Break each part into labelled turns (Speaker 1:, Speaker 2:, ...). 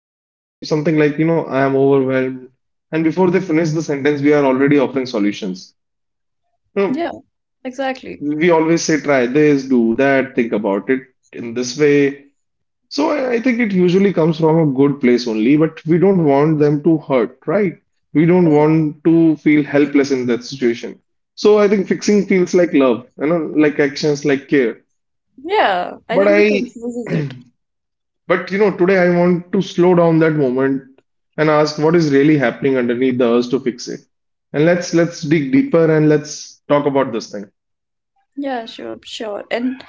Speaker 1: They say something like, you know, I am overwhelmed. And before they finish the sentence, we are already offering solutions. You know,
Speaker 2: Yeah, exactly.
Speaker 1: we always say, try this, do that, think about it in this way. So I think it usually comes from a good place only, but we don't want them to hurt, right? We don't want to feel helpless in that situation. So I think fixing feels like love, you know, like actions, like care.
Speaker 2: Yeah, I
Speaker 1: But
Speaker 2: think we
Speaker 1: I,
Speaker 2: confuses it.
Speaker 1: but today I want to slow down that moment and ask what is really happening underneath the urge to fix it. And let's dig deeper and let's talk about this thing.
Speaker 2: Yeah, sure, sure. And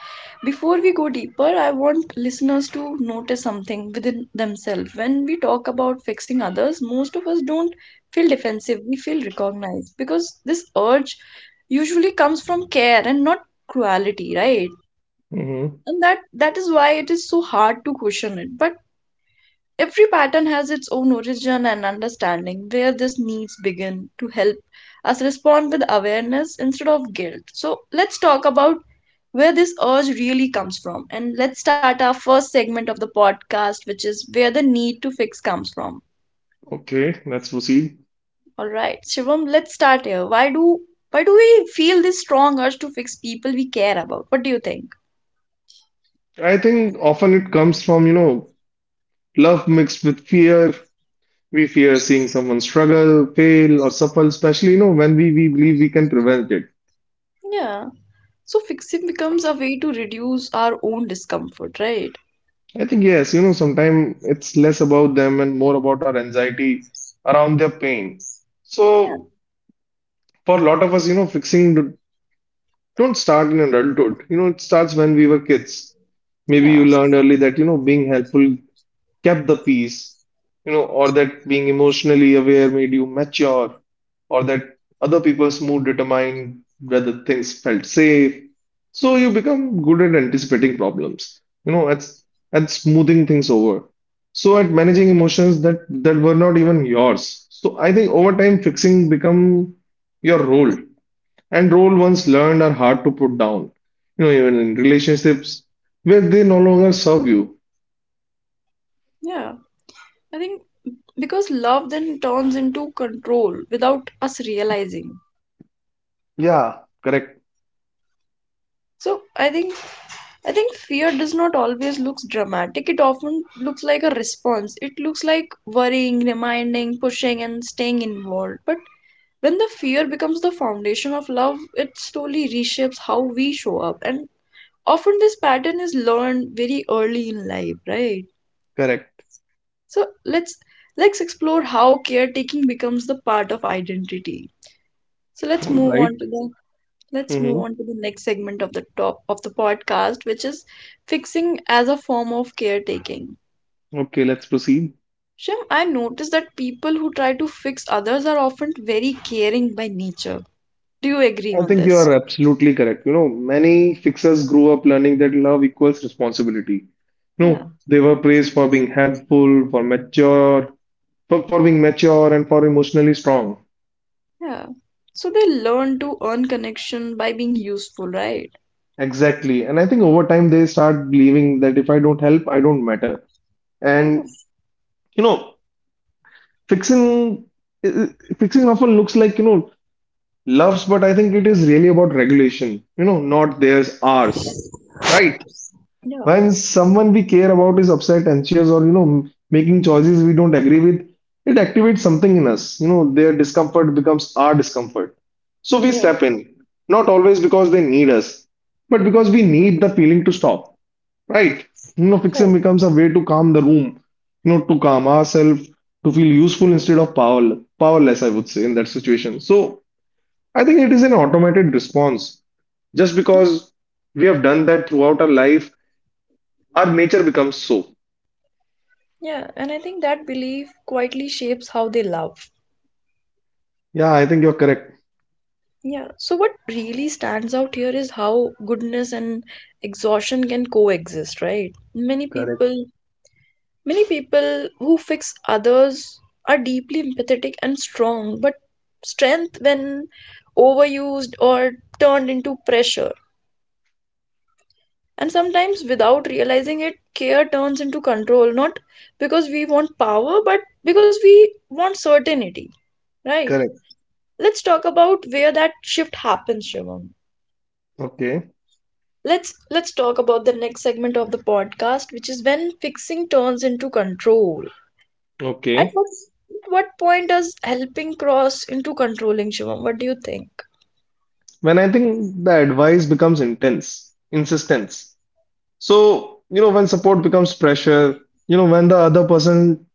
Speaker 2: before we go deeper, I want listeners to notice something within themselves. When we talk about fixing others, most of us don't feel defensive, we feel recognized because this urge usually comes from care and not cruelty, right?
Speaker 1: Hmm.
Speaker 2: And that is why it is so hard to question it. But every pattern has its own origin, and understanding where this needs begin to help us respond with awareness instead of guilt. So let's talk about where this urge really comes from. And let's start our first segment of the podcast, which is where the need to fix comes from.
Speaker 1: Okay, let's proceed.
Speaker 2: All right, Shivam, let's start here. Why do we feel this strong urge to fix people we care about? What do you think?
Speaker 1: I think often it comes from, you know, love mixed with fear. We fear seeing someone struggle, fail, or suffer, especially, you know, when we believe we can prevent it.
Speaker 2: Yeah. So fixing becomes a way to reduce our own discomfort, right?
Speaker 1: I think, yes, you know, sometimes it's less about them and more about our anxiety around their pain.
Speaker 2: Yeah.
Speaker 1: So, for a lot of us, you know, don't start in adulthood. You know, it starts when we were kids. Maybe
Speaker 2: Yeah.
Speaker 1: you learned early that, you know, being helpful kept the peace, you know, or that being emotionally aware made you mature, or that other people's mood determined whether things felt safe. So you become good at anticipating problems, you know, at smoothing things over. So at managing emotions that were not even yours. So I think over time fixing become your role. And role once learned are hard to put down. You know, even in relationships where they no longer serve you.
Speaker 2: Yeah. I think because love then turns into control without us realizing.
Speaker 1: Yeah,
Speaker 2: So I think fear does not always looks dramatic. It often looks like a response. It looks like worrying, reminding, pushing, and staying involved. But when the fear becomes the foundation of love, it slowly reshapes how we show up. And often this pattern is learned very early in life, right?
Speaker 1: correct.
Speaker 2: So let's explore how caretaking becomes the part of identity. So
Speaker 1: All right.
Speaker 2: let's move
Speaker 1: Mm-hmm.
Speaker 2: on to the next segment of the top of the podcast, which is fixing as a form of caretaking.
Speaker 1: Okay, let's proceed.
Speaker 2: Shem, I noticed that people who try to fix others are often very caring by nature. Do you agree
Speaker 1: I
Speaker 2: on
Speaker 1: think you
Speaker 2: this?
Speaker 1: are absolutely correct. You know, many fixers grew up learning that love equals responsibility.
Speaker 2: Yeah,
Speaker 1: No, they were praised for being helpful, for mature, for being mature and for emotionally strong.
Speaker 2: yeah. So they learn to earn connection by being useful, right?
Speaker 1: Exactly. And I think over time they start believing that if I don't help, I don't matter.
Speaker 2: Yeah,
Speaker 1: And you know, fixing fixing often looks like, you know, loves, but I think it is really about regulation. You know, not theirs, ours. Right?
Speaker 2: yeah,
Speaker 1: When someone we care about is upset, anxious, or you know, making choices we don't agree with, it activates something in us. You know, their discomfort becomes our discomfort. So we
Speaker 2: yeah,
Speaker 1: step in, not always because they need us, but because we need the feeling to stop. Right? You know, fixing
Speaker 2: right.
Speaker 1: becomes a way to calm the room, you know, to calm ourselves, to feel useful instead of powerless, I would say, in that situation. So I think it is an automated response. Just
Speaker 2: Yeah,
Speaker 1: because we have done that throughout our life our nature becomes so.
Speaker 2: yeah. And I think that belief quietly shapes how they love.
Speaker 1: Yeah, I think you're correct.
Speaker 2: Yeah, so what really stands out here is how goodness and exhaustion can coexist, right? Many
Speaker 1: Correct,
Speaker 2: people, many people who fix others are deeply empathetic and strong, but strength when overused or turned into pressure. And sometimes without realizing it, care turns into control, not because we want power, but because we want certainty, right?
Speaker 1: correct.
Speaker 2: Let's talk about where that shift happens, Shivam.
Speaker 1: Okay.
Speaker 2: Let's talk about the next segment of the podcast, which is when fixing turns into control. at
Speaker 1: Okay.
Speaker 2: what at what point does helping cross into controlling, Shivam? What do you think?
Speaker 1: When I think the advice becomes intense, insistence. So, you know, when support becomes pressure, you know, when the other person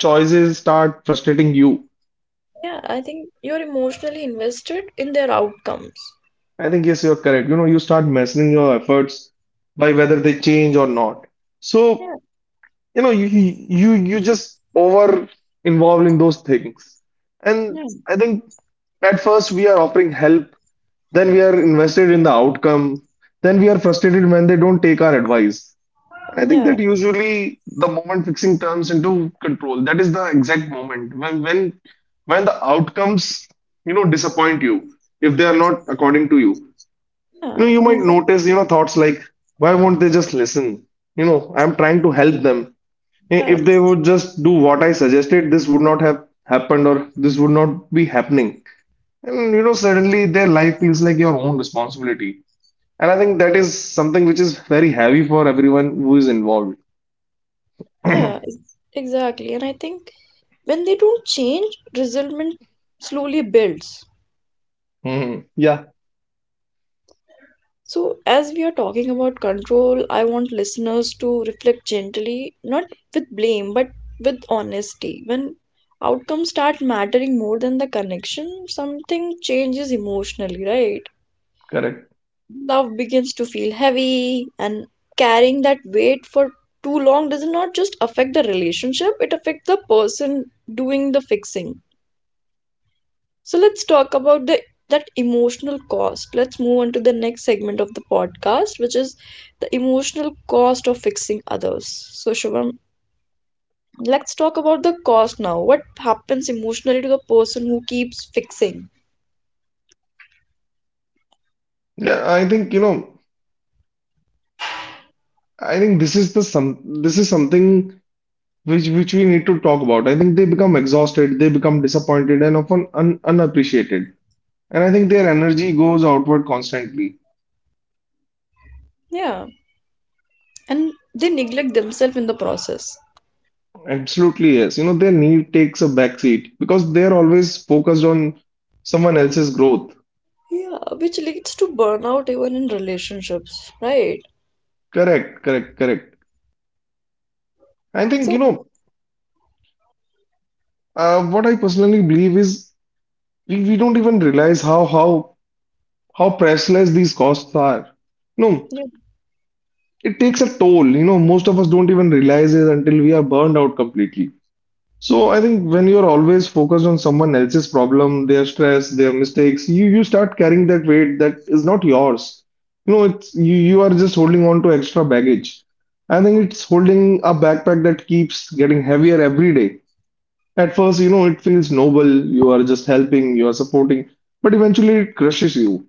Speaker 1: choices start frustrating you,
Speaker 2: Yeah, I think you're emotionally invested in their outcomes.
Speaker 1: I think yes, you're correct. You know, you start measuring your efforts by whether they change or not. So,
Speaker 2: Yeah.
Speaker 1: you know, you just over involved in those things. And
Speaker 2: Yeah.
Speaker 1: I think at first we are offering help, then we are invested in the outcome, then we are frustrated when they don't take our advice, and I think
Speaker 2: Yeah.
Speaker 1: that usually the moment fixing turns into control, that is the exact moment when the outcomes, you know, disappoint you if they are not according to you.
Speaker 2: Yeah.
Speaker 1: You know, you
Speaker 2: and I
Speaker 1: might
Speaker 2: think
Speaker 1: notice, you know, thoughts like, why won't they just listen? You know, I'm trying to help them.
Speaker 2: yeah
Speaker 1: If they would just do what I suggested, this would not have happened, or this would not be happening. And you know, suddenly their life feels like your own responsibility, and I think that is something which is very heavy for everyone who is involved.
Speaker 2: yeah ex- Exactly. And I think when they don't change, resentment slowly builds.
Speaker 1: Hmm. Yeah,
Speaker 2: So, as we are talking about control, I want listeners to reflect gently, not with blame, but with honesty. When outcomes start mattering more than the connection, something changes emotionally, right?
Speaker 1: correct.
Speaker 2: Love begins to feel heavy, and carrying that weight for too long does not just affect the relationship, it affects the person doing the fixing. So let's talk about the that emotional cost. Let's move on to the next segment of the podcast, which is the emotional cost of fixing others. So Shivam, let's talk about the cost now. What happens emotionally to the person who keeps fixing?
Speaker 1: Yeah, I think, you know, I think this is the some this is something which we need to talk about. I think they become exhausted, they become disappointed, and often un unappreciated. And I think their energy goes outward constantly.
Speaker 2: Yeah, and they neglect themselves in the process.
Speaker 1: Absolutely, yes. You know, their need takes a back seat because they're always focused on someone else's growth.
Speaker 2: Yeah, which leads to burnout even in relationships, right?
Speaker 1: Correct. I think,
Speaker 2: So,
Speaker 1: you know, what I personally believe is we don't even realize how priceless these costs are. No,
Speaker 2: yeah,
Speaker 1: it takes a toll. You know, most of us don't even realize it until we are burned out completely. So I think when you're always focused on someone else's problem, their stress, their mistakes, you start carrying that weight that is not yours. You know, it's you are just holding on to extra baggage. I think it's holding a backpack that keeps getting heavier every day. At first, you know, it feels noble, you are just helping, you are supporting, but eventually it crushes you.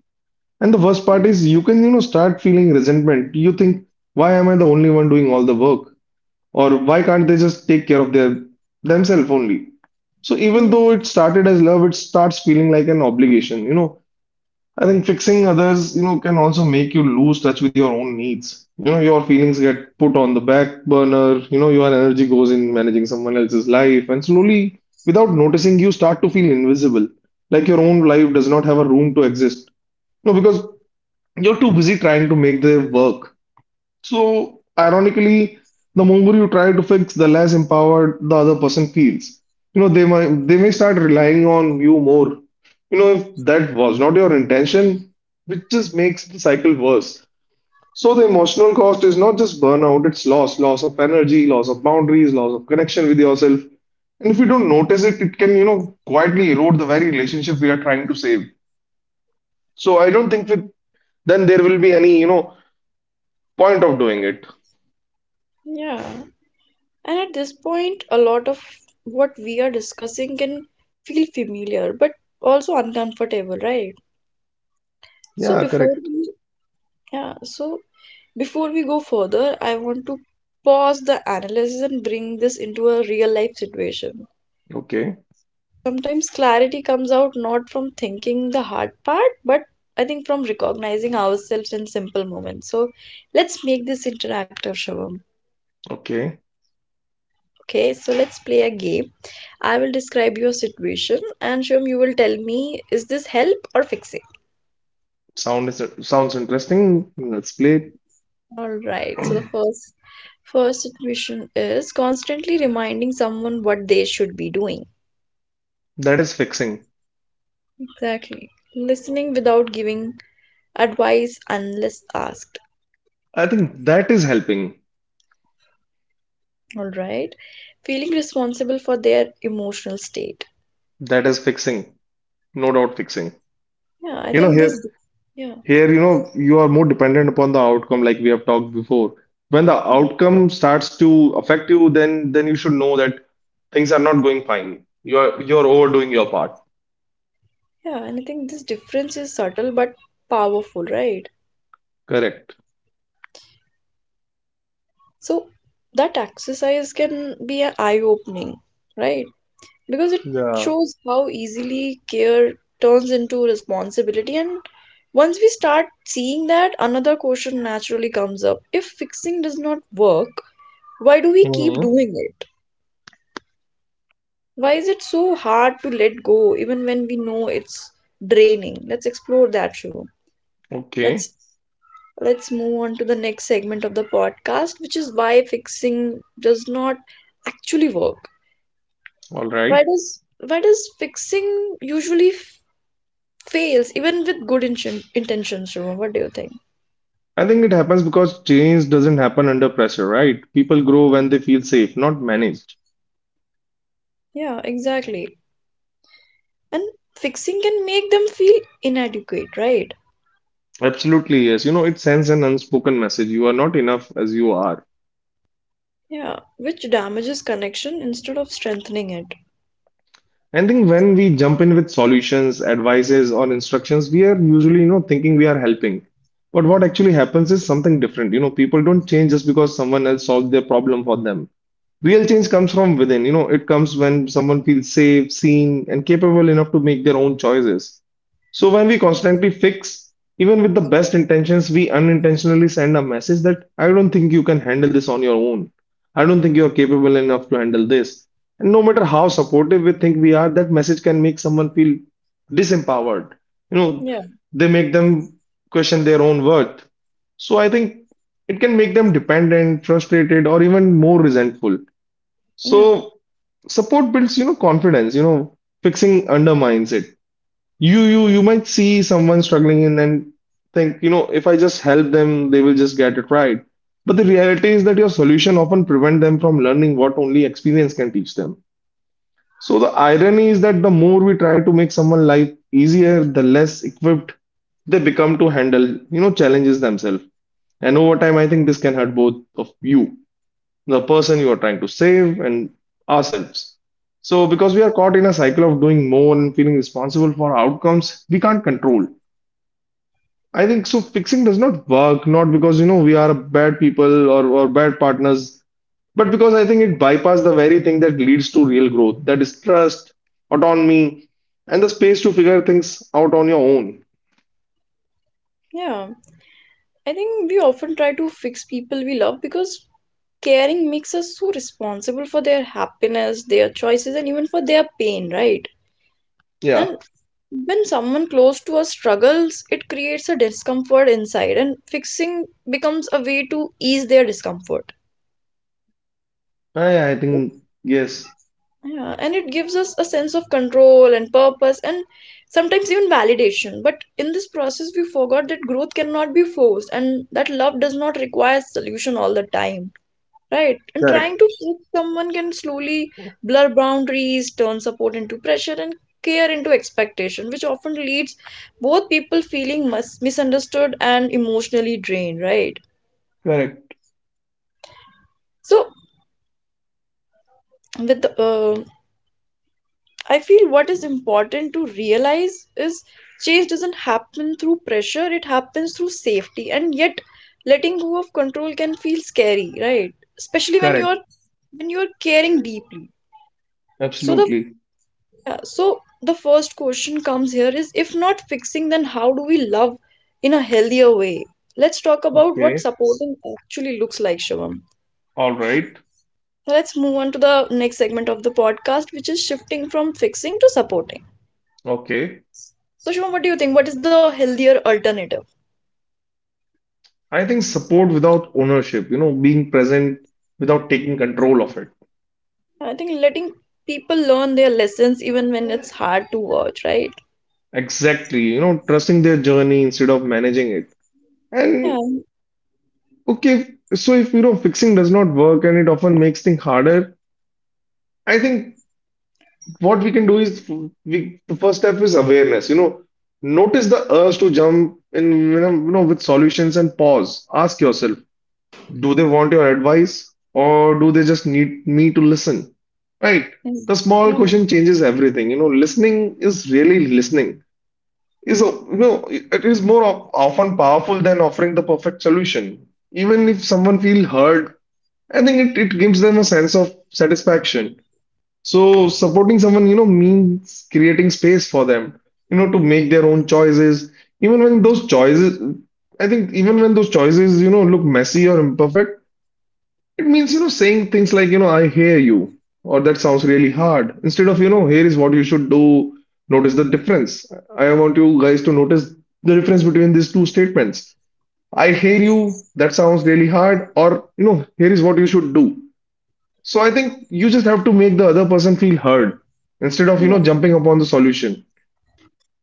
Speaker 1: And the worst part is you can, you know, start feeling resentment. You think, why am I the only one doing all the work? Or why can't they just take care of their themselves only? So even
Speaker 2: yeah,
Speaker 1: though it started as love, it starts feeling like an obligation. You know, I think fixing others, you know, can also make you lose touch with your own needs. You know, your feelings get put on the back burner. You know, your energy goes in managing someone else's life, and slowly, without noticing, you start to feel invisible, like your own life does not have a room to exist. No, because you're too busy trying to make them work. So, ironically, the more you try to fix, the less empowered the other person feels. You know, they might they may start relying on you more. You know, if that was not your intention, which just makes the cycle worse. So the emotional cost is not just burnout, it's loss, loss of energy, loss of boundaries, loss of connection with yourself. And if you don't notice it, it can, you know, quietly erode the very relationship we are trying to save. So I don't think with then there will be any, you know, point of doing it.
Speaker 2: yeah. And at this point, a lot of what we are discussing can feel familiar but also uncomfortable, right? So
Speaker 1: Yeah,
Speaker 2: before
Speaker 1: correct.
Speaker 2: we, yeah, so before we go further, I want to pause the analysis and bring this into a real life situation.
Speaker 1: Okay,
Speaker 2: Sometimes clarity comes out not from thinking the hard part, but I think from recognizing ourselves in simple moments. So let's make this interactive, Shivam.
Speaker 1: okay.
Speaker 2: Okay, so let's play a game. I will describe your situation, and Shum, you will tell me, is this help or fixing?
Speaker 1: Sounds interesting. Let's play.
Speaker 2: All right. So the first situation is constantly reminding someone what they should be doing.
Speaker 1: That is fixing.
Speaker 2: Exactly. Listening without giving advice unless asked.
Speaker 1: I think that is helping.
Speaker 2: All right. Feeling responsible for their emotional state.
Speaker 1: That is fixing. No doubt fixing.
Speaker 2: Yeah, I
Speaker 1: You know,
Speaker 2: think this
Speaker 1: here
Speaker 2: yeah,
Speaker 1: here, you know, you are more dependent upon the outcome, like we have talked before. When the outcome starts to affect you, then you should know that things are not going fine. You're overdoing your part.
Speaker 2: yeah, and I think this difference is subtle but powerful, right?
Speaker 1: Correct.
Speaker 2: So that exercise can be an eye opening, right? Because it
Speaker 1: Yeah.
Speaker 2: shows how easily care turns into responsibility. And once we start seeing that, another question naturally comes up. If fixing does not work, why do we keep
Speaker 1: Hmm.
Speaker 2: doing it? Why is it so hard to let go even when we know it's draining? Let's explore that, Shivam.
Speaker 1: Okay.
Speaker 2: Let's let's move on to the next segment of the podcast, which is why fixing does not actually work.
Speaker 1: All right.
Speaker 2: Why does why does fixing usually fails even with good intentions, Shivam? What do you think?
Speaker 1: I think it happens because change doesn't happen under pressure, right? People grow
Speaker 2: Mm.
Speaker 1: when they feel safe, not managed.
Speaker 2: Yeah, exactly. And fixing can make them feel inadequate, right?
Speaker 1: Absolutely, yes. You know, it sends an unspoken message. You are not enough as you are.
Speaker 2: Yeah, which damages connection instead of strengthening it.
Speaker 1: I think when we jump in with solutions, advices, or instructions, we are usually, you know, thinking we are helping. But what actually happens is something different. You know, people don't change just because someone else solved their problem for them. Real change comes from within, you know, it comes when someone feels safe, seen, and capable enough to make their own choices. So when we constantly fix, even with the best intentions, we unintentionally send a message that I don't think you can handle this on your own. I don't think you are capable enough to handle this. And no matter how supportive we think we are, that message can make someone feel disempowered. You know,
Speaker 2: Yeah,
Speaker 1: they make them question their own worth. So I think it can make them dependent, frustrated, or even more resentful.
Speaker 2: yeah,
Speaker 1: So support builds, you know, confidence, you know, fixing undermines it. You might see someone struggling and then think, you know, if I just help them, they will just get it right. But the reality is that your solution often prevent them from learning what only experience can teach them. So the irony is that the more we try to make someone life easier, the less equipped they become to handle, you know, challenges themselves. And over time, I think this can hurt both of you, the person you are trying to save, and ourselves. So, because we are caught in a cycle of doing more and feeling responsible for outcomes we can't control. I think so. Fixing does not work, not because we are bad people or bad partners, but because I think it bypasses the very thing that leads to real growth, that is trust, autonomy, and the space to figure things out on your own.
Speaker 2: yeah. I think we often try to fix people we love because caring makes us so responsible for their happiness, their choices, and even for their pain, right?
Speaker 1: Yeah,
Speaker 2: And when someone close to us struggles, it creates a discomfort inside, and fixing becomes a way to ease their discomfort.
Speaker 1: I think, yes,
Speaker 2: Yeah, and it gives us a sense of control and purpose, and sometimes even validation. But in this process, we forgot that growth cannot be forced and that love does not require solution all the time. Right. And
Speaker 1: correct,
Speaker 2: trying to fix someone can slowly blur boundaries, turn support into pressure, and care into expectation, which often leads both people feeling misunderstood and emotionally drained, right?
Speaker 1: correct,
Speaker 2: So, with the, uh, I feel what is important to realize is change doesn't happen through pressure, it happens through safety. And yet, letting go of control can feel scary, right? Especially when
Speaker 1: correct,
Speaker 2: you're when you're caring deeply. So the
Speaker 1: absolutely.
Speaker 2: Yeah, so the first question comes here is, if not fixing, then how do we love in a healthier way? Let's talk about what
Speaker 1: Okay,
Speaker 2: supporting actually looks like, Shivam.
Speaker 1: all right,
Speaker 2: So let's move on to the next segment of the podcast, which is shifting from fixing to supporting.
Speaker 1: okay.
Speaker 2: So, Shivam, what do you think? What is the healthier alternative?
Speaker 1: I think support without ownership, being present without taking control of it.
Speaker 2: I think letting people learn their lessons even when it's hard to watch, right?
Speaker 1: Exactly, trusting their journey instead of managing it. And
Speaker 2: Yeah,
Speaker 1: okay, so if fixing does not work and it often makes things harder, I think what we can do is we the first step is awareness, notice the urge to jump in, with solutions, and pause. Ask yourself, do they want your advice or do they just need me to listen? Right.
Speaker 2: yeah,
Speaker 1: The small
Speaker 2: right.
Speaker 1: question changes everything. You know, listening is really listening. Is a- it is often powerful than offering the perfect solution. Even if someone feels heard, I think it gives them a sense of satisfaction. So supporting someone, means creating space for them, to make their own choices. Even when those choices, I think even when those choices, look messy or imperfect, it means, saying things like, "I hear you," or "that sounds really hard," instead of, "here is what you should do." Notice the difference. I want you guys to notice the difference between these two statements. "I hear you, that sounds really hard," or, "here is what you should do." So I think you just have to make the other person feel heard instead of,
Speaker 2: Yeah,
Speaker 1: jumping upon the solution.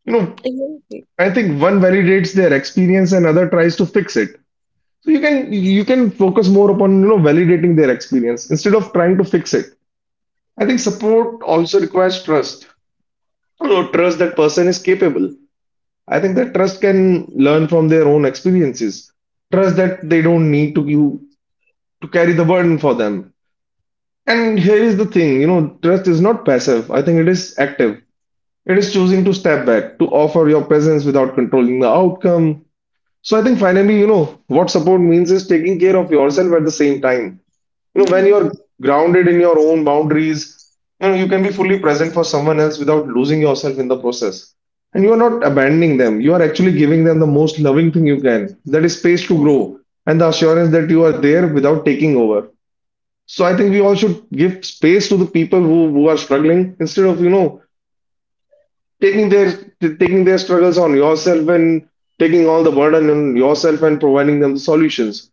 Speaker 1: You know,
Speaker 2: exactly.
Speaker 1: I think one validates their experience and other tries to fix it. So you can focus more upon validating their experience instead of trying to fix it. I think support also requires trust. You know, trust that person is capable. I think that trust can learn from their own experiences. Trust that they don't need to you to carry the burden for them. And here is the thing, trust is not passive. I think it is active. It is choosing to step back, to offer your presence without controlling the outcome. So I think finally, what support means is taking care of yourself at the same time. You know, when you're grounded in your own boundaries, you can be fully present for someone else without losing yourself in the process. And you're not abandoning them, you are actually giving them the most loving thing you can, that is space to
Speaker 2: Yeah,
Speaker 1: grow, and the assurance that you are there without taking over. So I think we all should give space to the people who are struggling instead of taking their taking their struggles on yourself and taking all the burden on yourself and providing them the solutions.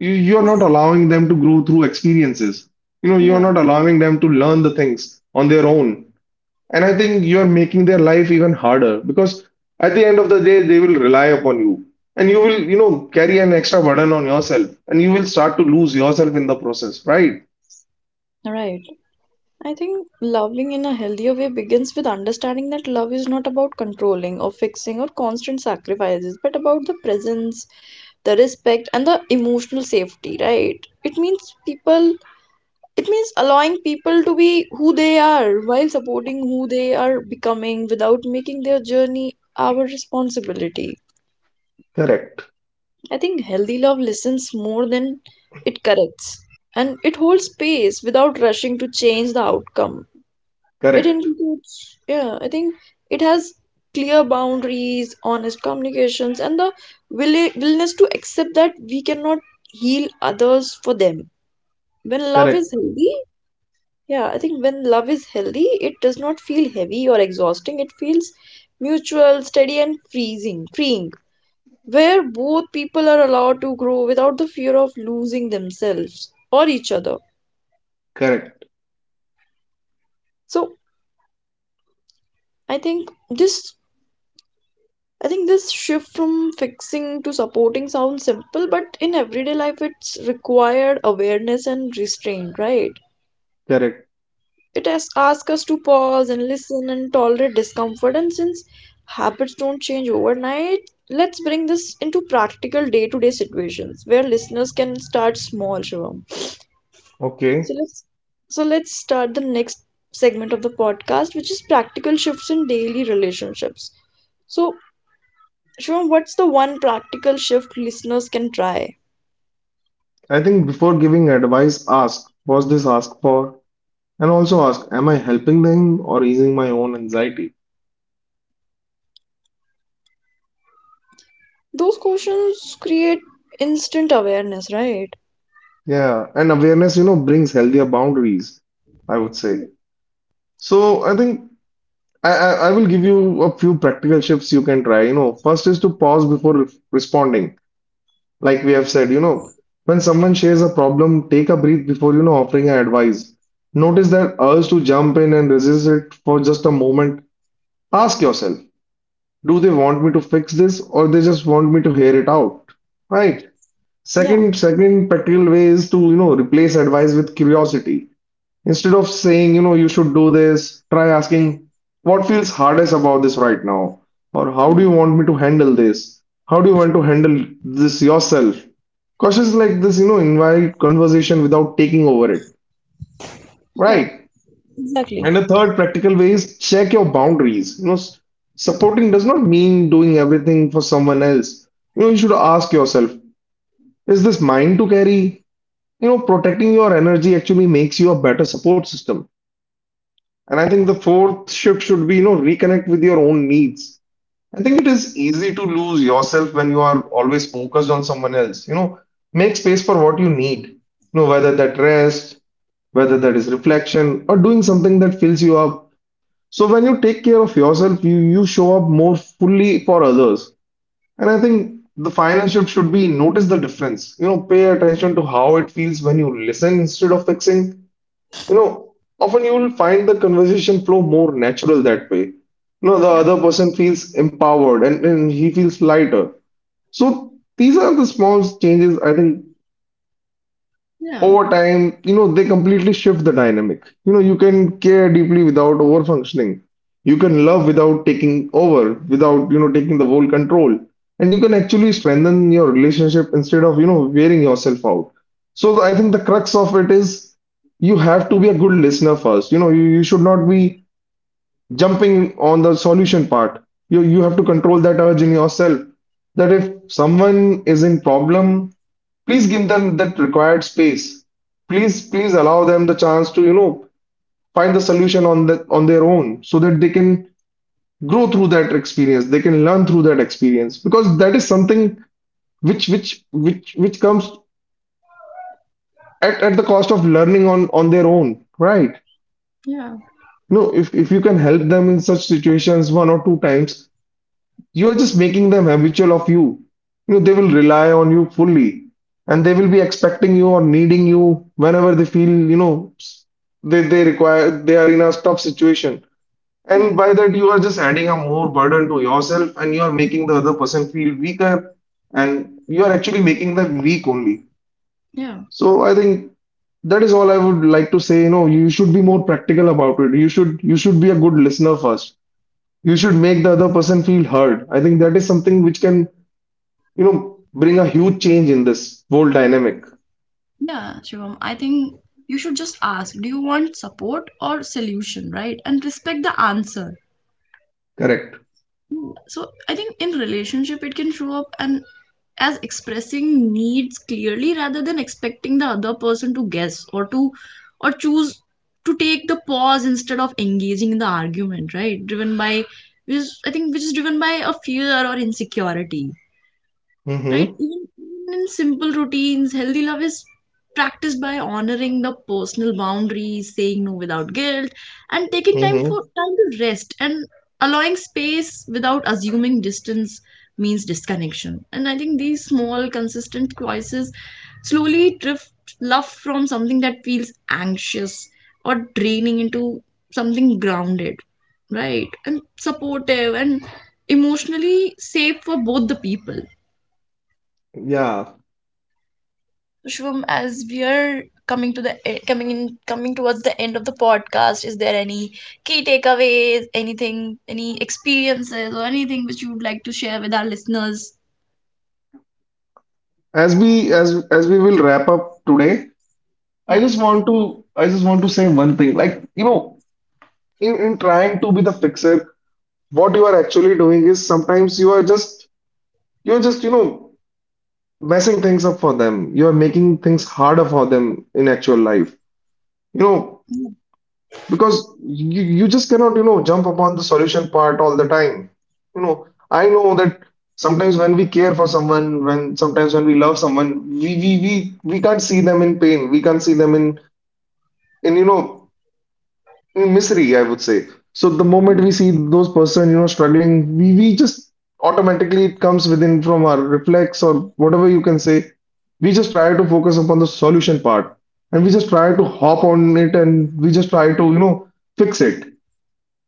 Speaker 1: You You're not allowing them to grow through experiences. You're
Speaker 2: yeah,
Speaker 1: not allowing them to learn the things on their own. And I think you're making their life even harder because at the end of the day they will rely upon you, and you will, carry an extra burden on yourself, and you will start to lose yourself in the process, right?
Speaker 2: yeah, right. I think loving in a healthier way begins with understanding that love is not about controlling or fixing or constant sacrifices, but about the presence, the respect, and the emotional safety, right? It means allowing people to be who they are while supporting who they are becoming without making their journey our responsibility.
Speaker 1: Correct,
Speaker 2: I think healthy love listens more than it corrects, and it holds space without rushing to change the outcome.
Speaker 1: correct,
Speaker 2: Yeah, I think it has clear boundaries, honest communications, and the willingness to accept that we cannot heal others for them. When love is
Speaker 1: correct,
Speaker 2: healthy, yeah, I think when love is healthy, it does not feel heavy or exhausting. It feels mutual, steady, and freeing, where both people are allowed to grow without the fear of losing themselves or each other.
Speaker 1: correct,
Speaker 2: So I think this I think this shift from fixing to supporting sounds simple, but in everyday life it's required awareness and restraint, right?
Speaker 1: correct.
Speaker 2: It has asked us to pause and listen and tolerate discomfort, and since habits don't change overnight, let's bring this into practical day-to-day situations where listeners can start small, Shivam. So
Speaker 1: Okay,
Speaker 2: let's start the next segment of the podcast, which is practical shifts in daily relationships. So Shivam, what's the one practical shift listeners can try?
Speaker 1: I think before giving advice ask, "was this asked for?" And also ask, "am I helping them or easing my own anxiety?"
Speaker 2: Those questions create instant awareness, right?
Speaker 1: Yeah, and awareness, brings healthier boundaries, I would say. So I think I will give you a few practical tips you can try. You know, first is to pause before responding. Like we have said, when someone shares a problem, take a breath before, offering an advice. Notice that urge to jump in and resist it for just a moment. Ask yourself, do they want me to fix this, or they just want me to hear it out? Right.
Speaker 2: Yeah.
Speaker 1: Second, second practical way is to, replace advice with curiosity. Instead of saying, "you should do this," try asking, "what feels hardest about this right now?" Or, "how do you want me to handle this? How do you want to handle this yourself?" Questions like this, invite conversation without taking over it,
Speaker 2: Yeah,
Speaker 1: right?
Speaker 2: exactly.
Speaker 1: And the third practical way is check your boundaries. Supporting does not mean doing everything for someone else. You know, you should ask yourself, is this mine to carry? You know, protecting your energy actually makes you a better support system. And I think the fourth shift should be, reconnect with your own needs. I think it is easy to lose yourself when you are always focused on someone else. You know, make space for what you need. Whether that rest, whether that is reflection, or doing something that fills you up. So when you take care of yourself, you show up more fully for others. And I think the final shift should be notice the difference. You know, pay attention to how it feels when you listen instead of fixing. you know, often you will find the conversation flow more natural that way. You know, the
Speaker 2: Yeah,
Speaker 1: other person feels empowered and he feels lighter. So these are the small changes. I think
Speaker 2: yeah,
Speaker 1: over time, they completely shift the dynamic. You know, you can care deeply without over functioning. You can love without taking over, without, taking the whole control. And you can actually strengthen your relationship instead of, wearing yourself out. So I think the crux of it is you have to be a good listener first. You know, you should not be jumping on the solution part. You have to control that urge in yourself. That if someone is in problem, please give them that required space. Please, please allow them the chance to, find the solution on the on their own so that they can grow through that experience. They can learn through that experience because that is something which comes at the cost of learning on their own, right?
Speaker 2: yeah,
Speaker 1: No, if you can help them in such situations one or two times, you are just making them habitual of you. You know, they will rely on you fully and they will be expecting you or needing you whenever they feel, they require, they are in a tough situation.
Speaker 2: yeah,
Speaker 1: And by that, you are just adding a more burden to yourself and you are making the other person feel weaker, and you are actually making them weak only.
Speaker 2: yeah,
Speaker 1: So I think that is all I would like to say. You know, you should be more practical about it. You should be a good listener first. You should make the other person feel heard. I think that is something which can bring a huge change in this whole dynamic.
Speaker 2: yeah, Shivam. I think you should just ask, do you want support or solution, right? And respect the answer.
Speaker 1: Correct.
Speaker 2: So I think in relationship it can show up and as expressing needs clearly rather than expecting the other person to guess, or to or choose to take the pause instead of engaging in the argument, right, driven by, which I think, which is driven by a fear or insecurity, right?
Speaker 1: Mm-hmm.
Speaker 2: Even in simple routines, healthy love is practiced by honoring the personal boundaries, saying no without guilt, and taking time
Speaker 1: Mm-hmm.
Speaker 2: for time to rest and allowing space without assuming distance means disconnection. And I think these small, consistent choices slowly drift love from something that feels anxious or draining into something grounded, right? And supportive and emotionally safe for both the people.
Speaker 1: Yeah.
Speaker 2: Shubham, as we are coming to the e- coming in coming towards the end of the podcast, is there any key takeaways, anything, any experiences, or anything which you would like to share with our listeners?
Speaker 1: As we will wrap up today,
Speaker 2: Yeah,
Speaker 1: I just want to say one thing. Like, you know, in trying to be the fixer, what you are actually doing is sometimes you are just you know, messing things up for them. You are making things harder for them in actual life. You know, because you just cannot jump upon the solution part all the time. You know, I know that sometimes when we care for someone, when sometimes when we love someone, we can't see them in pain, we can't see them in in you know in misery, I would say. So the moment we see those person struggling, we just automatically, it comes within from our reflex or whatever you can say, we just try to focus upon the solution part and we just try to hop on it and we just try to, fix it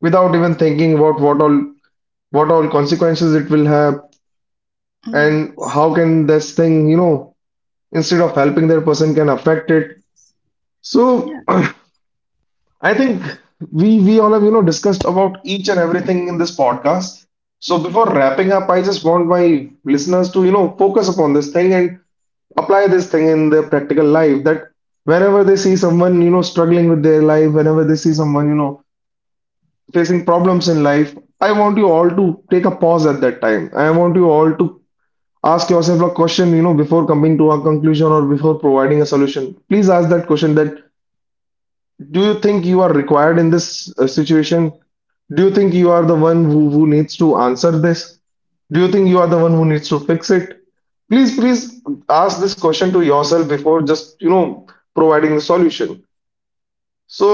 Speaker 1: without even thinking about what all consequences it will have,
Speaker 2: yeah,
Speaker 1: and how can this thing, instead of helping that person, can affect it.
Speaker 2: yeah,
Speaker 1: So I think we all have, discussed about each and everything in this podcast. So
Speaker 2: yeah,
Speaker 1: before wrapping up, I just want my listeners to, focus upon this thing and apply this thing in their practical life, that whenever they see someone, struggling with their life, whenever they see someone, facing problems in life, I want you all to take a pause at that time. I want you all to ask yourself a question, before coming to a conclusion or before providing a solution. Please ask that question, that do you think you are required in this situation? Do you think you are the one who needs to answer this? Do you think you are the one who needs to fix it? Please, please ask this question to yourself before just, providing the solution.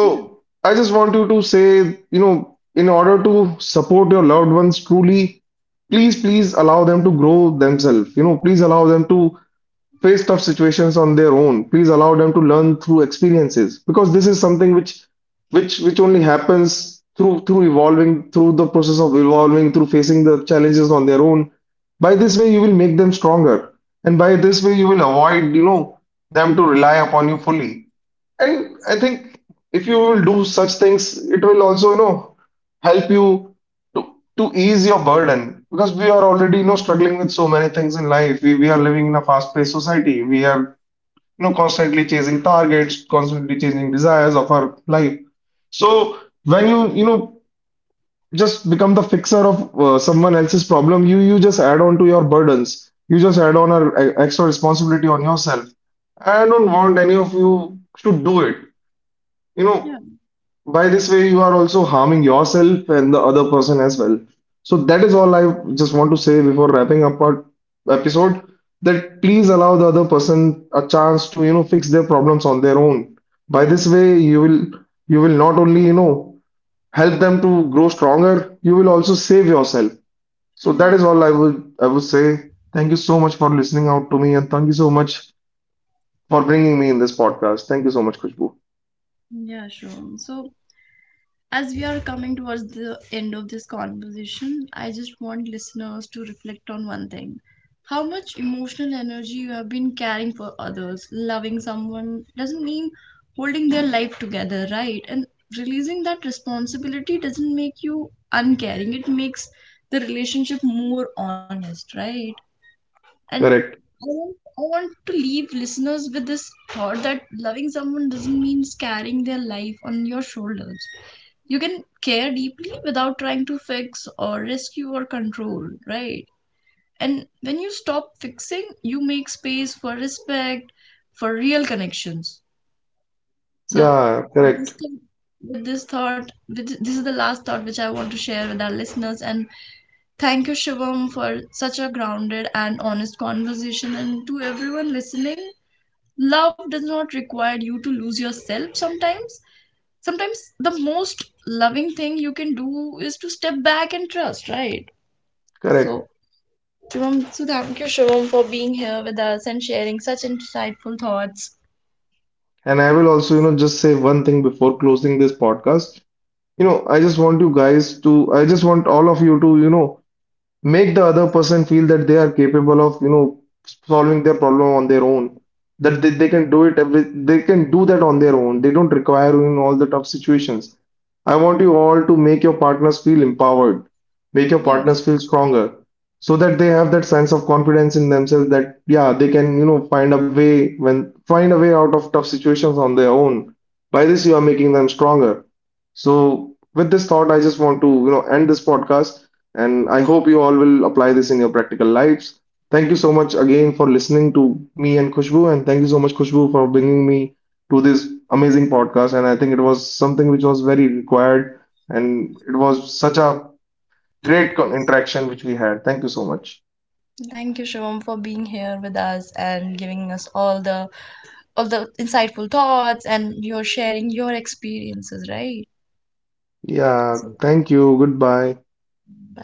Speaker 2: yeah,
Speaker 1: I just want you to say, you know, in order to support your loved ones truly, please, please allow them to grow themselves. You know, please allow them to face tough situations on their own. Please allow them to learn through experiences because this is something which only happens through evolving, through the process of evolving, through facing the challenges on their own. By this way, you will make them stronger, and by this way, you will avoid, you know, them to rely upon you fully. And I think if you will do such things, it will also, you know, help you to to ease your burden because we are already, you know, struggling with so many things in life. We are living in a fast-paced society. We are, you know, constantly chasing targets, constantly chasing desires of our life. So when you know, just become the fixer of someone else's problem, you just add on to your burdens. You just add on an extra responsibility on yourself. I don't want any of you to do it you
Speaker 2: yeah,
Speaker 1: know by this way you are also harming yourself and the other person as well. So that is all I just want to say before wrapping up our episode, that please allow the other person a chance to, you know, fix their problems on their own. By
Speaker 2: yeah.
Speaker 1: this way you will, you will not only, you know, help them to grow stronger, you will also save yourself. So that
Speaker 2: Exactly.
Speaker 1: is all I would say. Thank you so much for listening out to me, and thank you so much for bringing me in this podcast. Thank you so much, Khushbu.
Speaker 2: Yeah, Shubham. So, as we are coming towards the end of this conversation, I just want listeners to reflect on one thing. How much emotional energy you have been caring for others. Loving someone doesn't mean holding their life together, right? And releasing that responsibility doesn't make you uncaring. It makes the relationship more honest, right? And
Speaker 1: Correct.
Speaker 2: I want to leave listeners with this thought that loving someone doesn't mean carrying their life on your shoulders. You can care deeply without trying to fix or rescue or control, right? And when you stop fixing, you make space for respect, for real connections. So,
Speaker 1: Yeah,
Speaker 2: with
Speaker 1: correct.
Speaker 2: this, thing- with this thought, with, this is the last thought which I want to share with our listeners. And thank you, Shivam, for such a grounded and honest conversation. And to everyone listening, love does not require you to lose yourself. Sometimes, the most loving thing you can do is to step back and trust, right? So,
Speaker 1: Correct.
Speaker 2: Thank you, Shivam, for being here with us and sharing such insightful thoughts.
Speaker 1: And I will also, you know, just say one thing before closing this podcast. You know, I just want all of you to, you know, make the other person feel that they are capable of, you know, solving their problem on their own, that they can do it every they can do that on their own. They don't require you in all the tough situations. I want you all to make your partners feel empowered, make your
Speaker 2: Yeah,
Speaker 1: partners feel stronger, so that they have that sense of confidence in themselves, that yeah, they can, you know, find a way when find a way out of tough situations on their own. By this you are making them stronger. So with this thought I just want to, you know, end this podcast, and I hope you all will apply this in your practical lives. Thank you so much again for listening to me and Khushbu. And thank you so much, Khushbu, for bringing me to this amazing podcast. And I think it was something which was very required. And it was such a great interaction which we had. Thank you so much.
Speaker 2: thank you, Shivam, for being here with us and giving us all the insightful thoughts, and you're sharing your experiences, right?
Speaker 1: Yeah,
Speaker 2: So,
Speaker 1: thank you. Goodbye.
Speaker 2: bye.